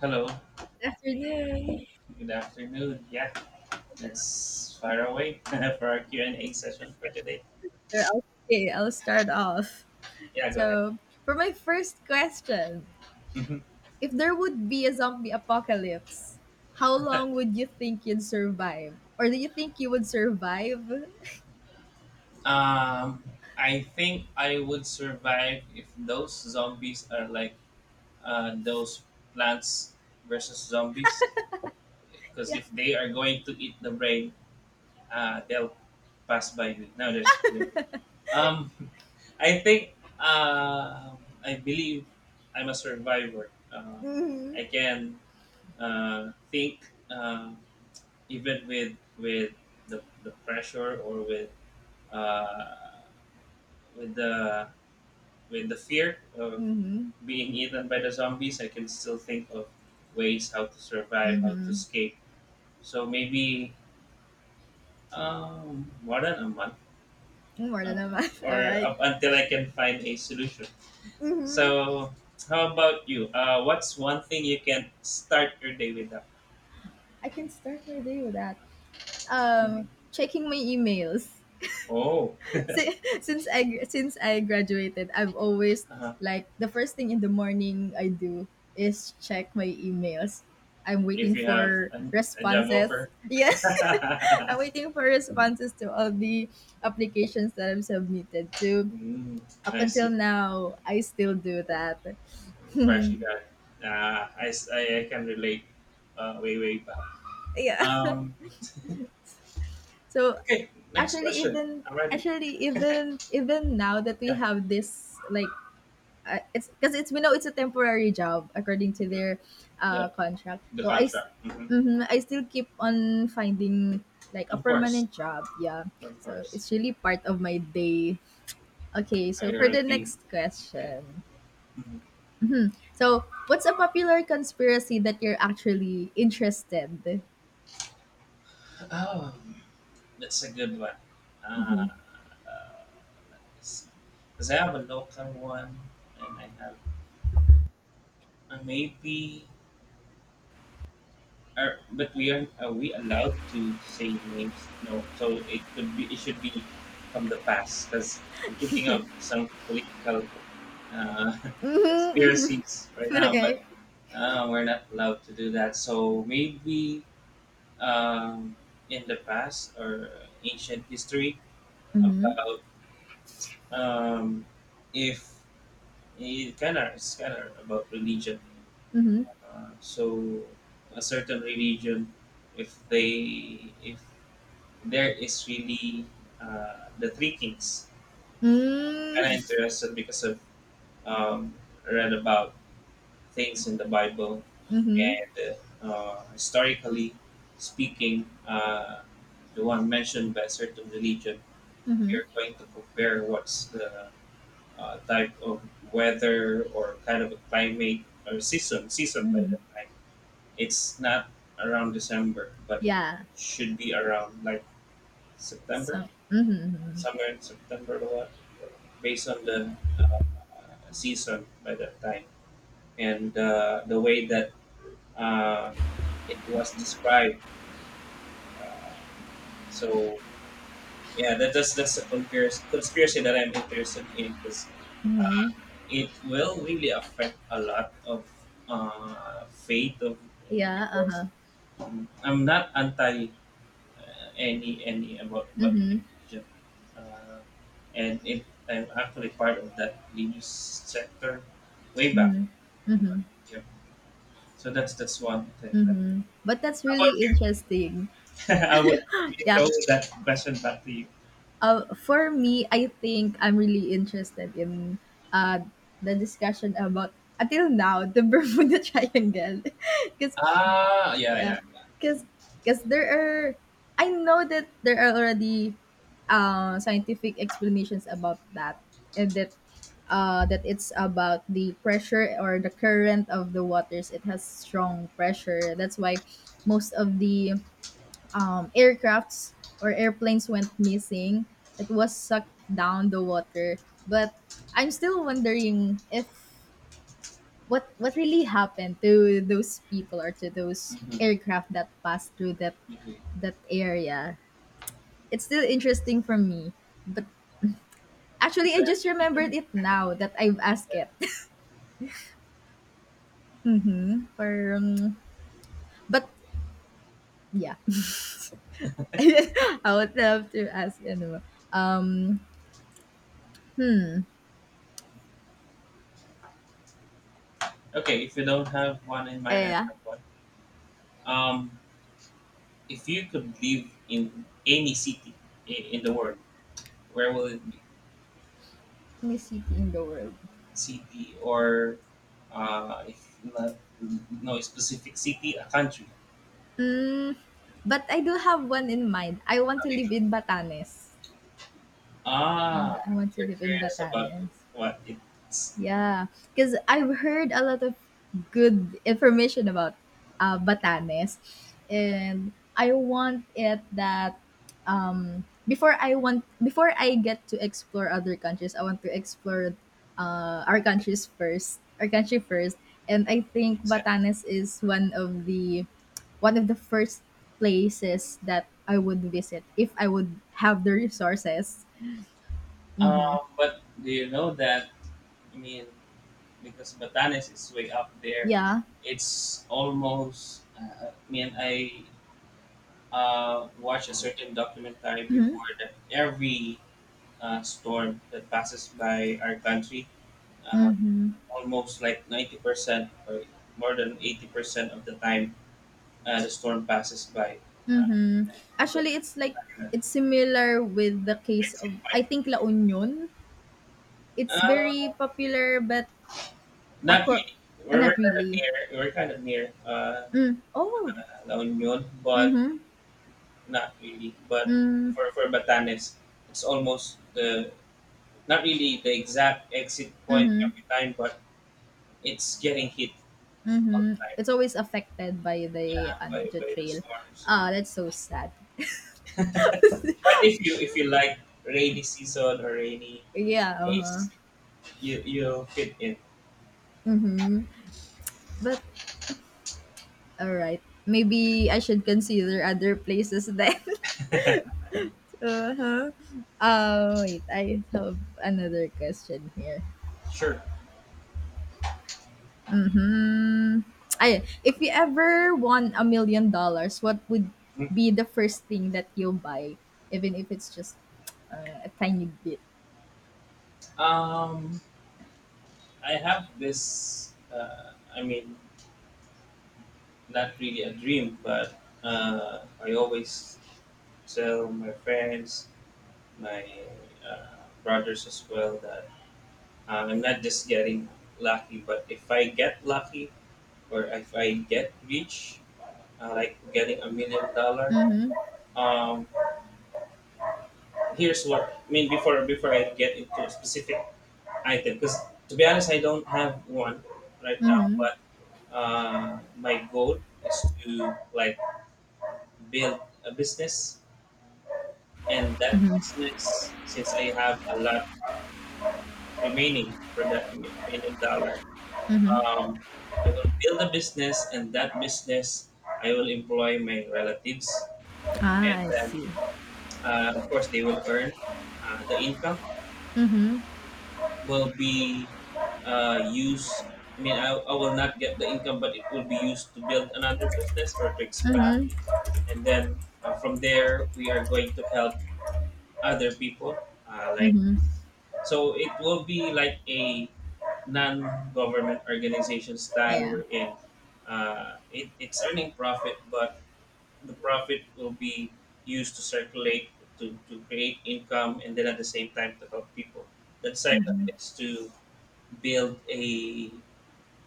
Hello, Afternoon. good afternoon. Yeah, let's fire away for our Q and A session for today. Sure, okay, I'll start off. Yeah, go ahead. So, for my first question, Mhm. if there would be a zombie apocalypse, how long would you think you'd survive? Or do you think you would survive? Um, I think I would survive if those zombies are like those plants versus zombies, because Yeah. if they are going to eat the brain, they'll pass by me. No, just joking. Um, I think I believe I'm a survivor. Mm-hmm. I can think, even with the pressure or with uh, with the with the fear of Mm-hmm. being eaten by the zombies, I can still think of ways how to survive, how to Mm-hmm. escape. So maybe more than a month, More than up, a month. All or right. up until I can find a solution. Mm-hmm. So how about you? What's one thing you can start your day without? I can start my day with that. Mhm. Checking my emails. Oh, Since I graduated, I've always, like, the first thing in the morning I do is check my emails. I'm if waiting you have for a job responses. offer. Yeah, I'm waiting for responses to all the applications that I've submitted to. Mm, Up I until see. now, I still do that. Fresh, you Hmm. got it. I, I can relate, way, way back. Yeah. Um, So okay, next actually, question. even I'm ready. actually even even now that we Yeah, have this, like, it's because it's we know it's a temporary job according to their yeah, contract. the So contract. Hmm. mhm, I still keep on finding, like, a Of course, permanent job. Yeah, of so course. it's really part of my day. Okay, so You're for a the team. next Okay. question, Mhm. so what's a popular conspiracy that you're actually interested? Oh, that's a good one. Uh, uh, Let me see. Because I have a local one and I have, maybe. Are, but we are we allowed to say names? No. So it should be from the past, because I'm thinking of some political uh, Mm-hmm, mm-hmm. conspiracies right now, but Okay. We're not allowed to do that. So maybe um, in the past or ancient history, Mm-hmm. about um, if it's kind of about religion. Mm-hmm. So a certain religion, if they if there is really the three kings. Kind of Mm-hmm. interested because of um, read about things in the Bible, Mm-hmm. and historically speaking, the one mentioned by a certain religion. Mm-hmm. You're going to compare what's the type of weather or kind of a climate or season by the time. It's not around December, but it Yeah. should be around like So. September, Mm-hmm. somewhere in September or what, based on the season by that time. And the way that uh, it was described. Uh, so, yeah, that's a conspiracy that I'm interested in, because it will really affect a lot of faith of Yeah. Uh individuals. huh. I'm not anti any about, Egypt, uh, and it, I'm actually part of that Linux sector way back. Yeah. So that's one thing. That, But that's how about really you? interesting. I would, let me Yeah. throw that question back to you. For me, I think I'm really interested in uh, the discussion about, until now, the Bermuda Triangle, because Ah, yeah, yeah, yeah, yeah. because because there are I know that there are already scientific explanations about that, and that it's about the pressure or the current of the waters. It has strong pressure. That's why most of the aircrafts or airplanes went missing. It was sucked down the water. But I'm still wondering, if what really happened to those people or to those Mm-hmm. aircraft that passed through that Okay. that area. It's still interesting for me. But actually, So I I just think we can, remembered it now that I've asked yeah. it. for, um, but yeah, I would love to ask. Um, Okay, if you don't have one in mind, I eh, have one. Um, if you could live in any city in the world, where will it be? any city in the world. City or, if not, no specific city, a country. Mm, but I do have one in mind. I want to live in Batanes. Mm, Ah, I want to you're live in curious about Batanes. what it's. Yeah, because I've heard a lot of good information about Batanes, and I want it that, before I want, before I get to explore other countries, I want to explore our countries first, our country first, and I think Makes sense. Batanes is one of the first places that I would visit if I would have the resources. Mm-hmm. But do you know that? I mean, because Batanes is way up there, Yeah. it's almost. I mean, I watched a certain documentary Mm-hmm. before that every storm that passes by our country, uh, Mm-hmm. almost like 90% or more than 80% of the time, as a storm passes by. Uh, Mhm. Actually, it's like it's similar with the case let's see, of, I fine. think, La Union. It's Uh, very popular but Not acor really. ah, not really. We're kind of near Mm. Oh. La Union, but Mhm. not really. But Mm. for Batanes, it's almost the, not really the exact exit point Mhm. every time, but it's getting hit all the Mhm. time, It's always affected by the yeah, ano, by, the by the trail. storms. Ah, that's so sad. But if you like rainy season or rainy Yeah, uh-huh. days, you'll fit in. Mhm. But all right. Maybe I should consider other places then. Uh-huh. Wait, I have another question here. Sure. Hmm. Ay, if you ever won $1 million, what would be the first thing that you'll buy, even if it's just a tiny bit? Um, I have this. I mean, not really a dream, but I always tell my friends, my uh, brothers as well, that I'm not just getting lucky, but if I get lucky or if I get rich, like getting 1 million dollar, Mm-hmm. um, here's what I mean, before I get into a specific item, because, to be honest, I don't have one right now, Mm-hmm. but my goal is to, like, build a business, and that business, since I have a lot remaining for that million dollar, um, I will build a business, and that business, I will employ my relatives, Ah, and I then see. Of course they will earn the income Mm-hmm. will be used. I mean, I will not get the income, but it will be used to build another business or to expand, Mm-hmm. and then from there we are going to help other people, like. Mm-hmm. So it will be like a non-government organization style, Yeah. wherein it's earning profit, but the profit will be used to circulate, to create income, and then at the same time to help people. The second Mm-hmm. is to build a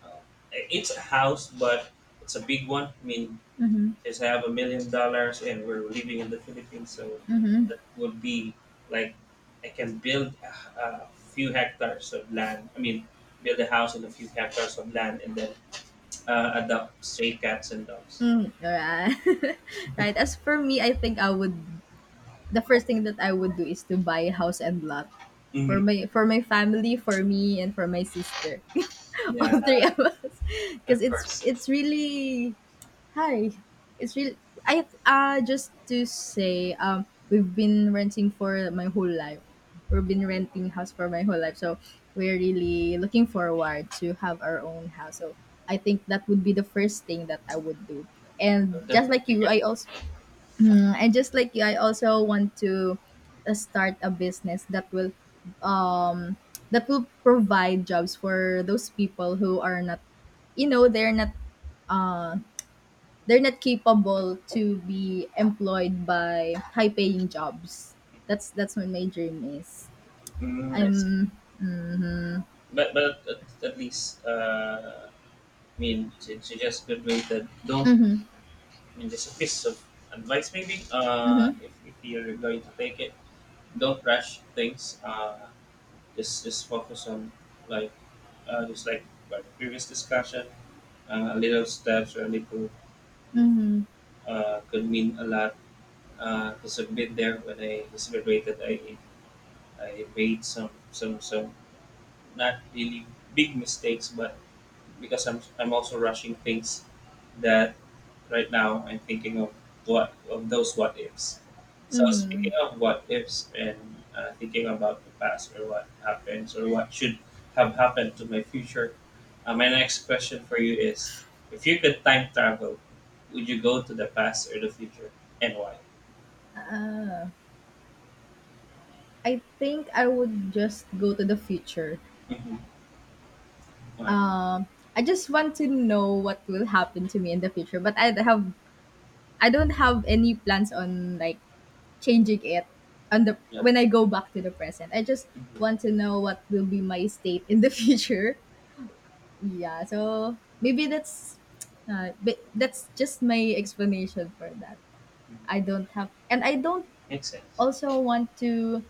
uh, it's a house, but it's a big one. I mean, Mm-hmm. just have $1 million and we're living in the Philippines, so that would be like, I can build a few hectares of land. I mean, build a house in a few hectares of land, and then adopt stray cats and dogs. Mm, right. Right. As for me, I think I would the first thing that I would do is to buy a house and lot Hmm. For my family, for me, and for my sister, Yeah, all three of us, because of it's course. it's really Hi. It's really, I just to say, we've been renting for my whole life. We've been renting house for my whole life. So we're really looking forward to have our own house. So I think that would be the first thing that I would do. I'll And just like definitely you, get. I also. Mm, and just like you, I also want to start a business that will, um that will provide jobs for those people who are not, they're not uh they're not capable to be employed by high paying jobs. That's what my dream is. Mm, I see. I'm mhm. But at least I mean, to just good way that don't. Mhm. I mean, just a piece of advice maybe. Mhm. If you're going to take it, don't rush things. Just, focus on, like, just like our previous discussion. Little steps or little Mhm. Could mean a lot. To submit there, when I just graduated, I made some not really big mistakes, but because I'm also rushing things, that right now I'm thinking of, what of those what ifs. So, Mhm. speaking of what ifs and thinking about the past or what happens or what should have happened to my future, my next question for you is: if you could time travel, would you go to the past or the future, and why? Ah, I think I would just go to the future. Mm-hmm. Why? Um, I just want to know what will happen to me in the future, but I don't have any plans on, like, changing it on the Yeah. when I go back to the present. I just Mm-hmm. want to know what will be my state in the future. Yeah, so maybe that's just my explanation for that. I don't have, and I don't Makes sense. also want to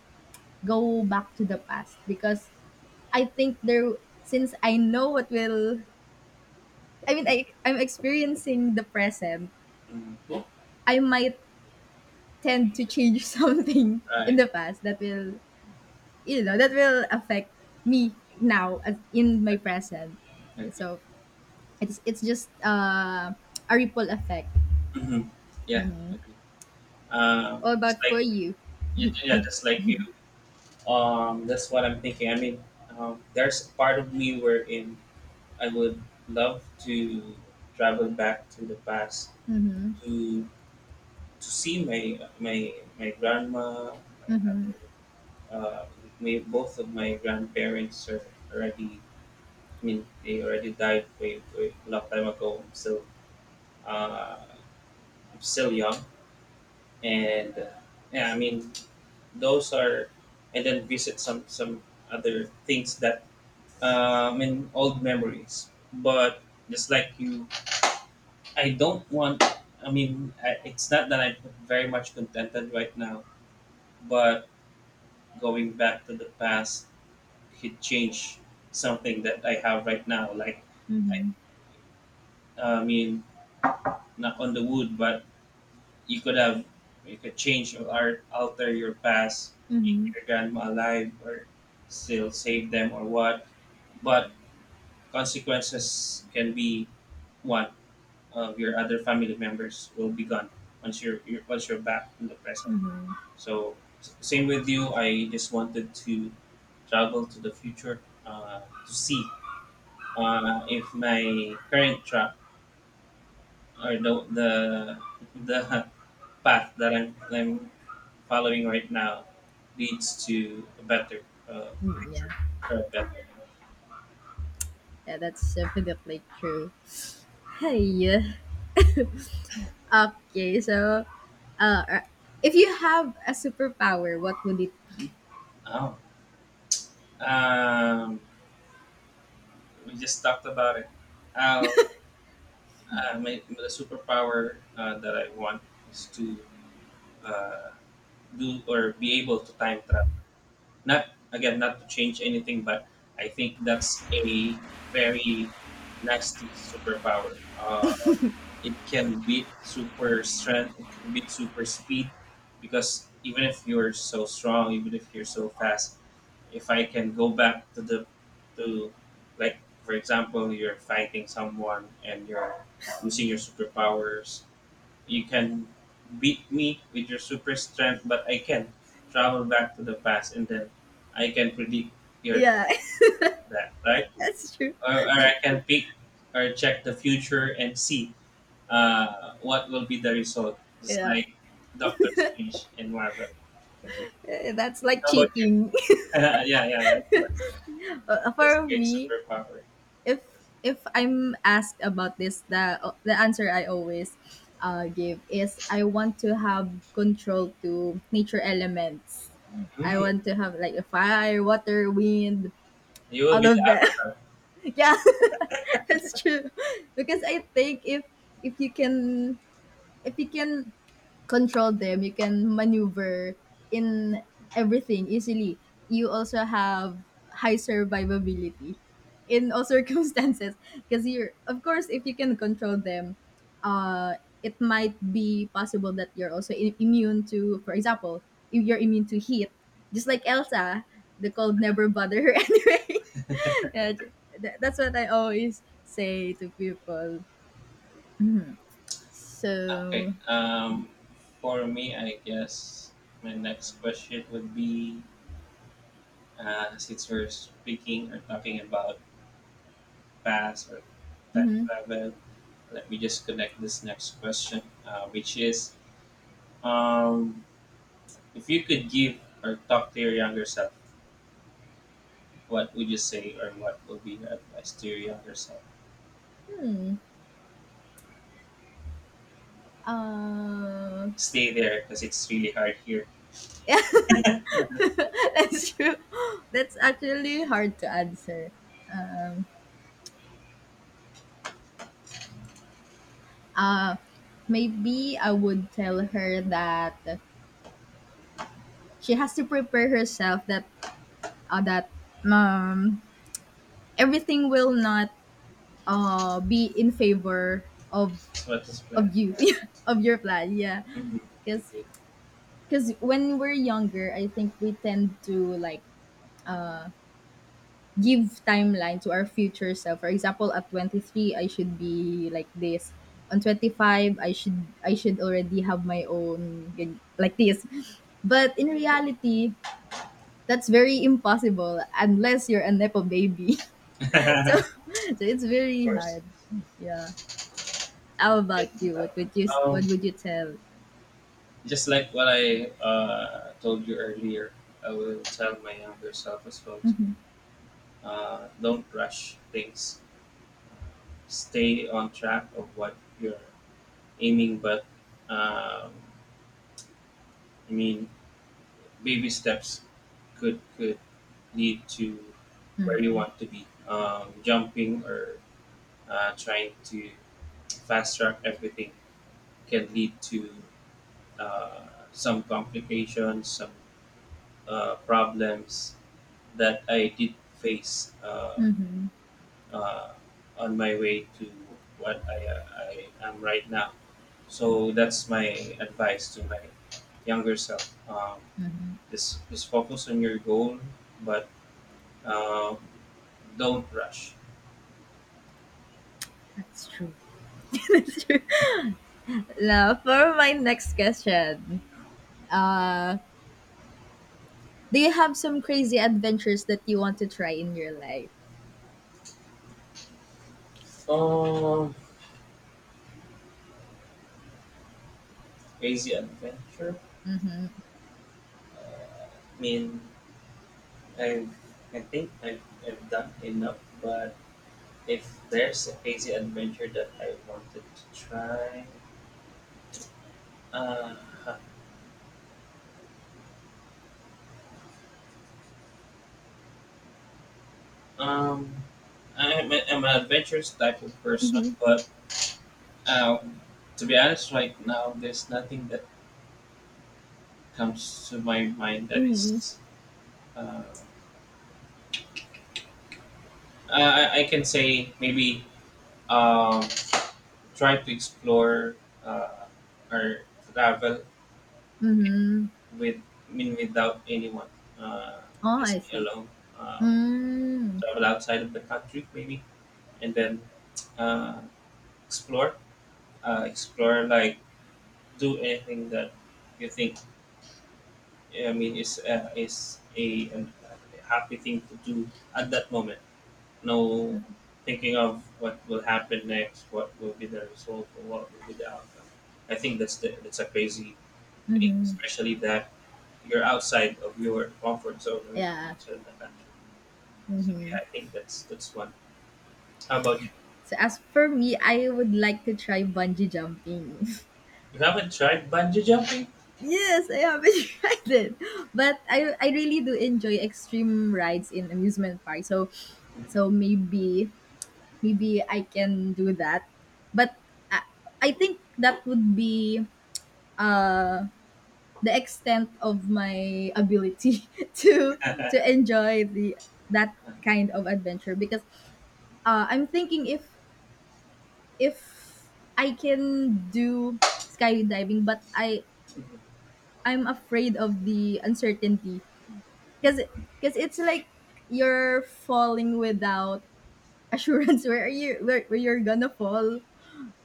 go back to the past, because I think there since I know what will, I mean, I'm experiencing the present, Mm-hmm. I might tend to change something in Right. the past that will, that will affect me now, as in my Agree. present. Agree. So it's just a ripple effect. Mm-hmm. Yeah. All It's about for like, you. Yeah, Okay. just like you. That's what I'm thinking. I mean, there's a part of me wherein I would love to travel back to the past, to to see my grandma, my other, uh, my, both of my grandparents are already, I mean, they already died way, way a long time ago. So uh, I'm still young, and yeah, I mean, those are, and then visit some other things that I mean, old memories. But just like you, I don't want. I mean, I, it's not that I'm very much contented right now, but going back to the past could change something that I have right now. Like, I, Mhm. I mean, not on the wood, but you could have, you could change or alter your past, make Mhm. your grandma alive, or still save them or what. But consequences can be, one of your other family members will be gone once you're back in the present. So same with you. I just wanted to travel to the future to see if my current track, or the the path that I'm following right now leads to a better uh, Mm, yeah. future or a better. Yeah, that's definitely true. Hey. Okay, so, uh uh, if you have a superpower, what would it be? Oh, um, we just talked about it. I'll, my, the superpower that I want is to uh, do, or be able to time travel. Not, again, not to change anything, but I think that's a very nasty superpower. It can beat super strength. It can beat super speed, because even if you're so strong, even if you're so fast, if I can go back to the, to, like, for example, you're fighting someone and you're using your superpowers, you can beat me with your super strength, but I can travel back to the past, and then I can predict your, Yeah, that right. that's true. Or I can pick or check the future and see what will be the result, just Yeah. like Doctor Strange and Marvel. That's like How about you? cheating. Yeah, yeah, yeah, of course. That's a For great me, superpower. if I'm asked about this, the answer I always give is I want to have control to nature elements. I Hmm. want to have, like, a fire, water, wind, You will all be the of that. avatar. Yeah, that's true. Because I think if if you can you can control them, you can maneuver in everything easily. You also have high survivability in all circumstances, because you're, of course, if you can control them, uh it might be possible that you're also immune to, for example, if you're immune to heat. Just like Elsa, the cold never bother her anyway. Yeah, that's what I always say to people. Okay. So For me, I guess my next question would be, since we're speaking or talking about past or time mhm. travel, let me just connect this next question, which is, um, if you could give, or talk to your younger self, what would you say, or what would be your advice to your younger self? Hmm. uh Stay there because it's really hard here. That's true. That's actually hard to answer. Um, uh, Maybe I would tell her that she has to prepare herself that, that, um, everything will not, be in favor of So what is plan? You. Yeah, of your plan. Yeah, Mm-hmm. because Okay. When we're younger, I think we tend to, like, give timeline to our future self. For example, at 23, I should be like this. On 25, I should already have my own like this. But in reality, that's very impossible unless you're a nepo baby. So, so it's Of very course. hard. Yeah. How about you? Um, What would you tell? just like what I told you earlier, I will tell my younger self as well. Don't rush things. Uh, Stay on track of what you're aiming, but um, I mean, baby steps could lead to where you want to be. Jumping or trying to fast track everything can lead to uh, some complications, some problems that I did face Mm-hmm. uh, on my way to what I am right now. So that's my advice to my younger self. Just focus on your goal, but uh, don't rush. That's true. Now, for my next question, uh, do you have some crazy adventures that you want to try in your life? Um, Crazy adventure. I mean, I I think I've done enough, but if there's a crazy adventure that I wanted to try, Uh, um, I'm an adventurous type of person, but uh, to be honest, right now there's nothing that comes to my mind that Mhm, is. Uh, I can say maybe um, try to explore uh, or travel mhm. with I mean without anyone, uh, Oh, I just me see. alone. Uh, Mm, Travel outside of the country maybe, and then uh, explore. Explore like do anything that you think I mean is a a happy thing to do at that moment. No thinking of what will happen next, what will be the result, or what will be the outcome. I think that's a crazy thing, mhm. especially that you're outside of your comfort zone or you're Yeah. outside of the country. So yeah, I think that's one. How about you? So as for me, I would like to try bungee jumping. You haven't tried bungee jumping? Yes, I haven't tried it, but I really do enjoy extreme rides in amusement park. So, maybe, I can do that. But I, I think that would be uh the extent of my ability to enjoy the that kind of adventure. Because, I'm thinking if if I can do skydiving, but I'm afraid of the uncertainty. Because it's like you're falling without assurance. Where you're gonna fall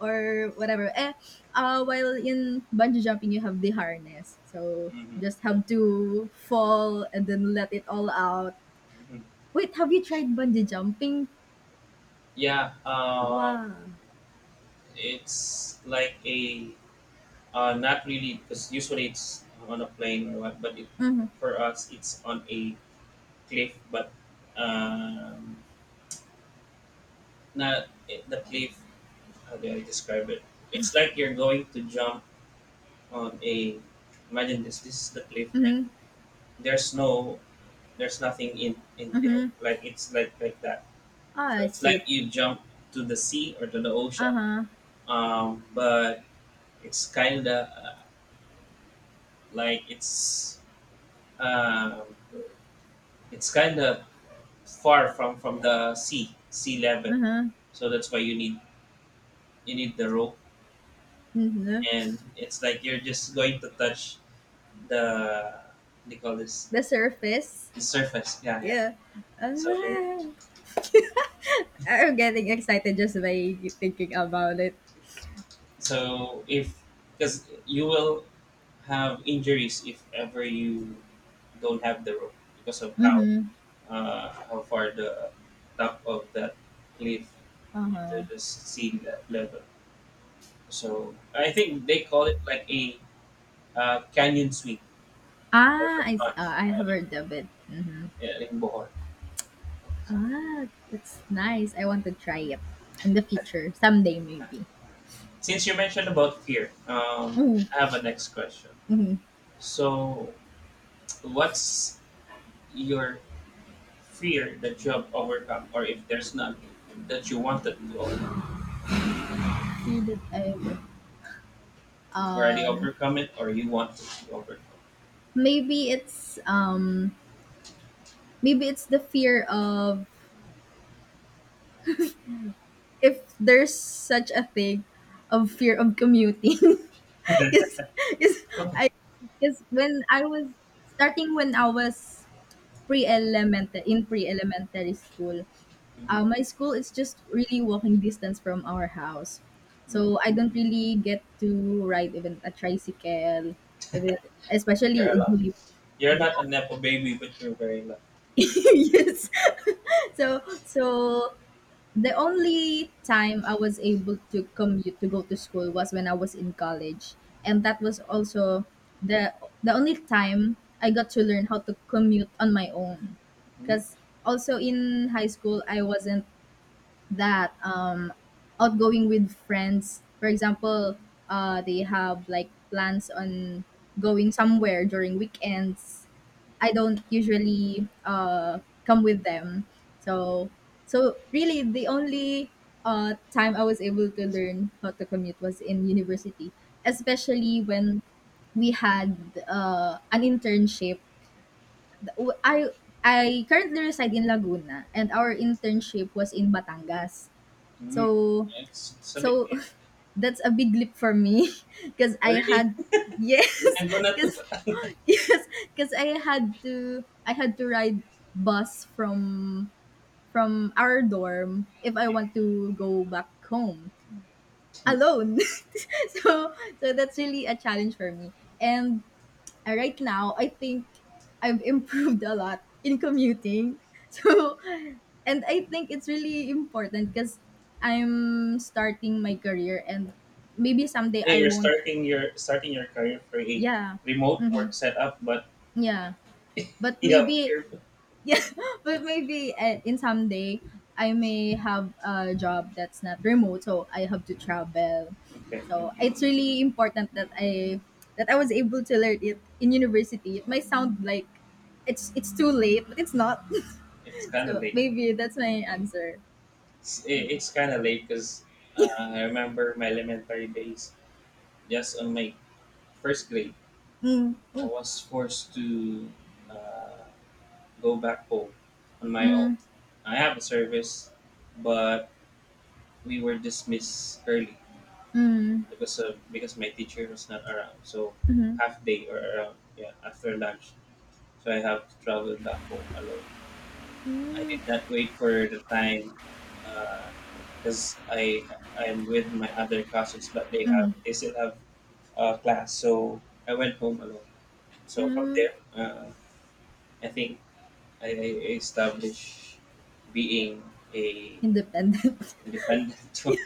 or whatever. While in bungee jumping, you have the harness, so Mm-hmm. just have to fall and then let it all out. Yeah. Hmm. Wait, have you tried bungee jumping? Yeah. Wow. It's like a not really because usually it's on a plane or what, but it, Mhm. for us it's on a cliff, but um, not it, the cliff. How do I describe it? It's like you're going to jump on a. Imagine this. This is the cliff, and Mhm. there's no, there's nothing in there. Mhm. Like it's like that. Ah, So I it's see. like you jump to the sea or to the Uh ocean, huh. But it's kind of like um, it's kind of far from the sea level, Uh huh. so that's why you need the rope. Mhm. And it's like you're just going to touch the. They call this The surface. the surface. Yeah, yeah. Yeah. Ah, So I'm getting excited just by thinking about it. so if because you will have injuries if ever you don't have the rope because of Mhm. How far the top of that cliff Uh huh. into the sea level. So I think they call it like a canyon sweep or Ah, the I see. plunge Ah, I have heard of it. Mhm. in Bohol. Ah, that's nice. I want to try it in the future, someday maybe. Since you mentioned about fear, Mm, I have a next question. mm. So, what's your fear that you have overcome, or if there's none that you wanted to overcome? Fear that I would. You've already Um, overcome it, or you wanted to overcome maybe it's the fear of, if there's such a thing, of fear of commuting. Is is it? Okay. I is when I was starting when I was pre elementary in pre-elementary school. Mhm. My school is just really walking distance from our house. So I Mhm. don't really get to ride even a tricycle, even especially You're a a lot. jeep. You're not Yeah. a nepo baby, but you're very lucky. Yes. So, so the only time I was able to commute to go to school was when I was in college, and that was also the the only time I got to learn how to commute on my own. Because also in high school, I wasn't that, outgoing with friends. For example, they have, like, plans on going somewhere during weekends, I don't usually come with them. So, really the only time I was able to learn how to commute was in university, especially when we had an internship. I I currently reside in Laguna, and our internship was in Batangas. Mm-hmm. So, It's a big so hand. that's a big leap for me, because I Really? had, yes, Nanguna to ba? because, yes, because I had to, ride bus from, our dorm if I want to go back home alone. So, that's really a challenge for me. And, right now, I think I've improved a lot in commuting. So, and I think it's really important because I'm starting my career, and maybe someday Yeah, I you're won't. starting your career for a Yeah. remote Mm-hmm. work setup, but Yeah. But you have. maybe. Yeah, but maybe, in someday, I may have a job that's not remote, so I have to travel. Okay, So okay. it's really important that I was able to learn it in university. It might sound like it's too late, but it's not. It's kind of So late. maybe that's my answer. It's kind of late because uh, I remember my elementary days. Just on my first grade, Mm. I Oh, was forced to uh, go back home on my own. I have a service, but we were dismissed early because my teacher was not around. So half day or around, yeah, after lunch. So I have to travel back home alone. I did not wait for the time because I I'm with my other cousins, but they still have class, so I went home alone. So from mm. there, I think I established being a Independent. independent one.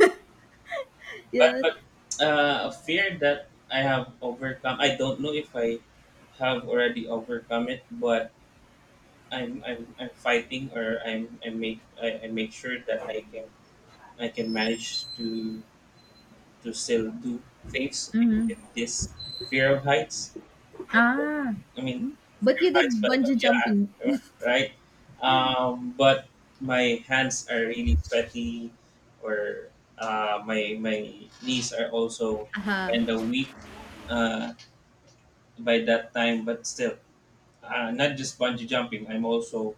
But Yes. but a fear that I have overcome. I don't know if I have already overcome it, but I'm fighting or I make sure that I can manage to still do things even with this fear of heights. Ah, I mean fear but you of did heights, but bungee jumping. yeah, right. But my hands are really sweaty, or my knees are also Aha. kind of weak uh, by that time. But still, not just bungee jumping. I'm also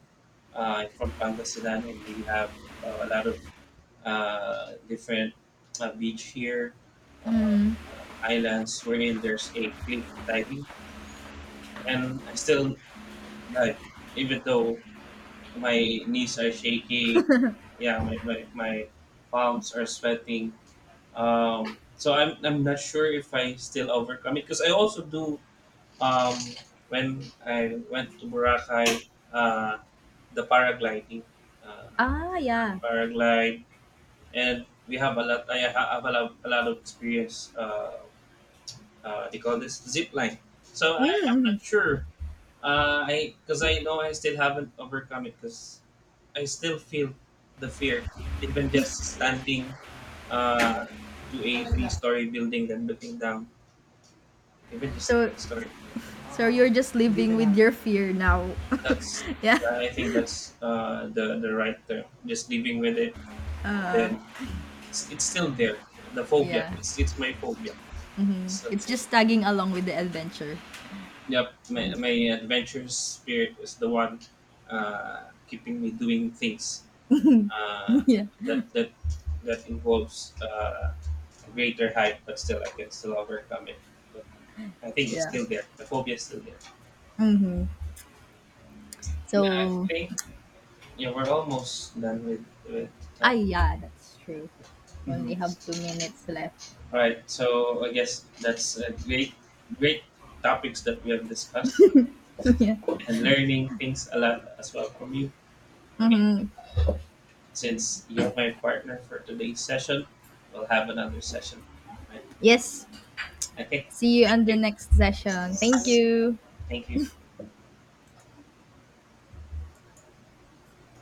uh, I'm from Pangasinan, and we have a lot of different beach here, uh, islands wherein there's a cliff diving, and I still dive even though my knees are shaky. Yeah, my palms are sweating. So I'm not sure if I still overcome it because I also do um, when I went to Boracay, uh, the paragliding. Uh, Ah, yeah. Paraglide, and we have a lot. Have a lot of experience. They call this zip line. So I'm not sure. I Because I know I still haven't overcome it because I still feel the fear, even just standing uh, to a three-story building then looking down, even just So, three-story building. so you're just living with your fear now. That's Yeah. I think that's the right term. Just living with it, and then it's still there. The phobia. Yeah. It's my phobia. He's still It's there. just tagging along with the adventure. Yep, my adventurous spirit is the one keeping me doing things uh, Yeah. that that that involves a greater height, but still I can still overcome it. But I think it's Yeah. still there. The phobia is still there. Yeah, I So, think yeah we're almost done with ah, time. yeah, that's true. Only Mhm. have 2 minutes left. Right. So I guess that's a great, great topics that we have discussed Yeah. and learning things a lot as well from you. I mean, Mm-hmm. since you're my partner for today's session, we'll have another session. Right? Yes. Okay. See you Thank on the you. next session. Thank you. Thank you.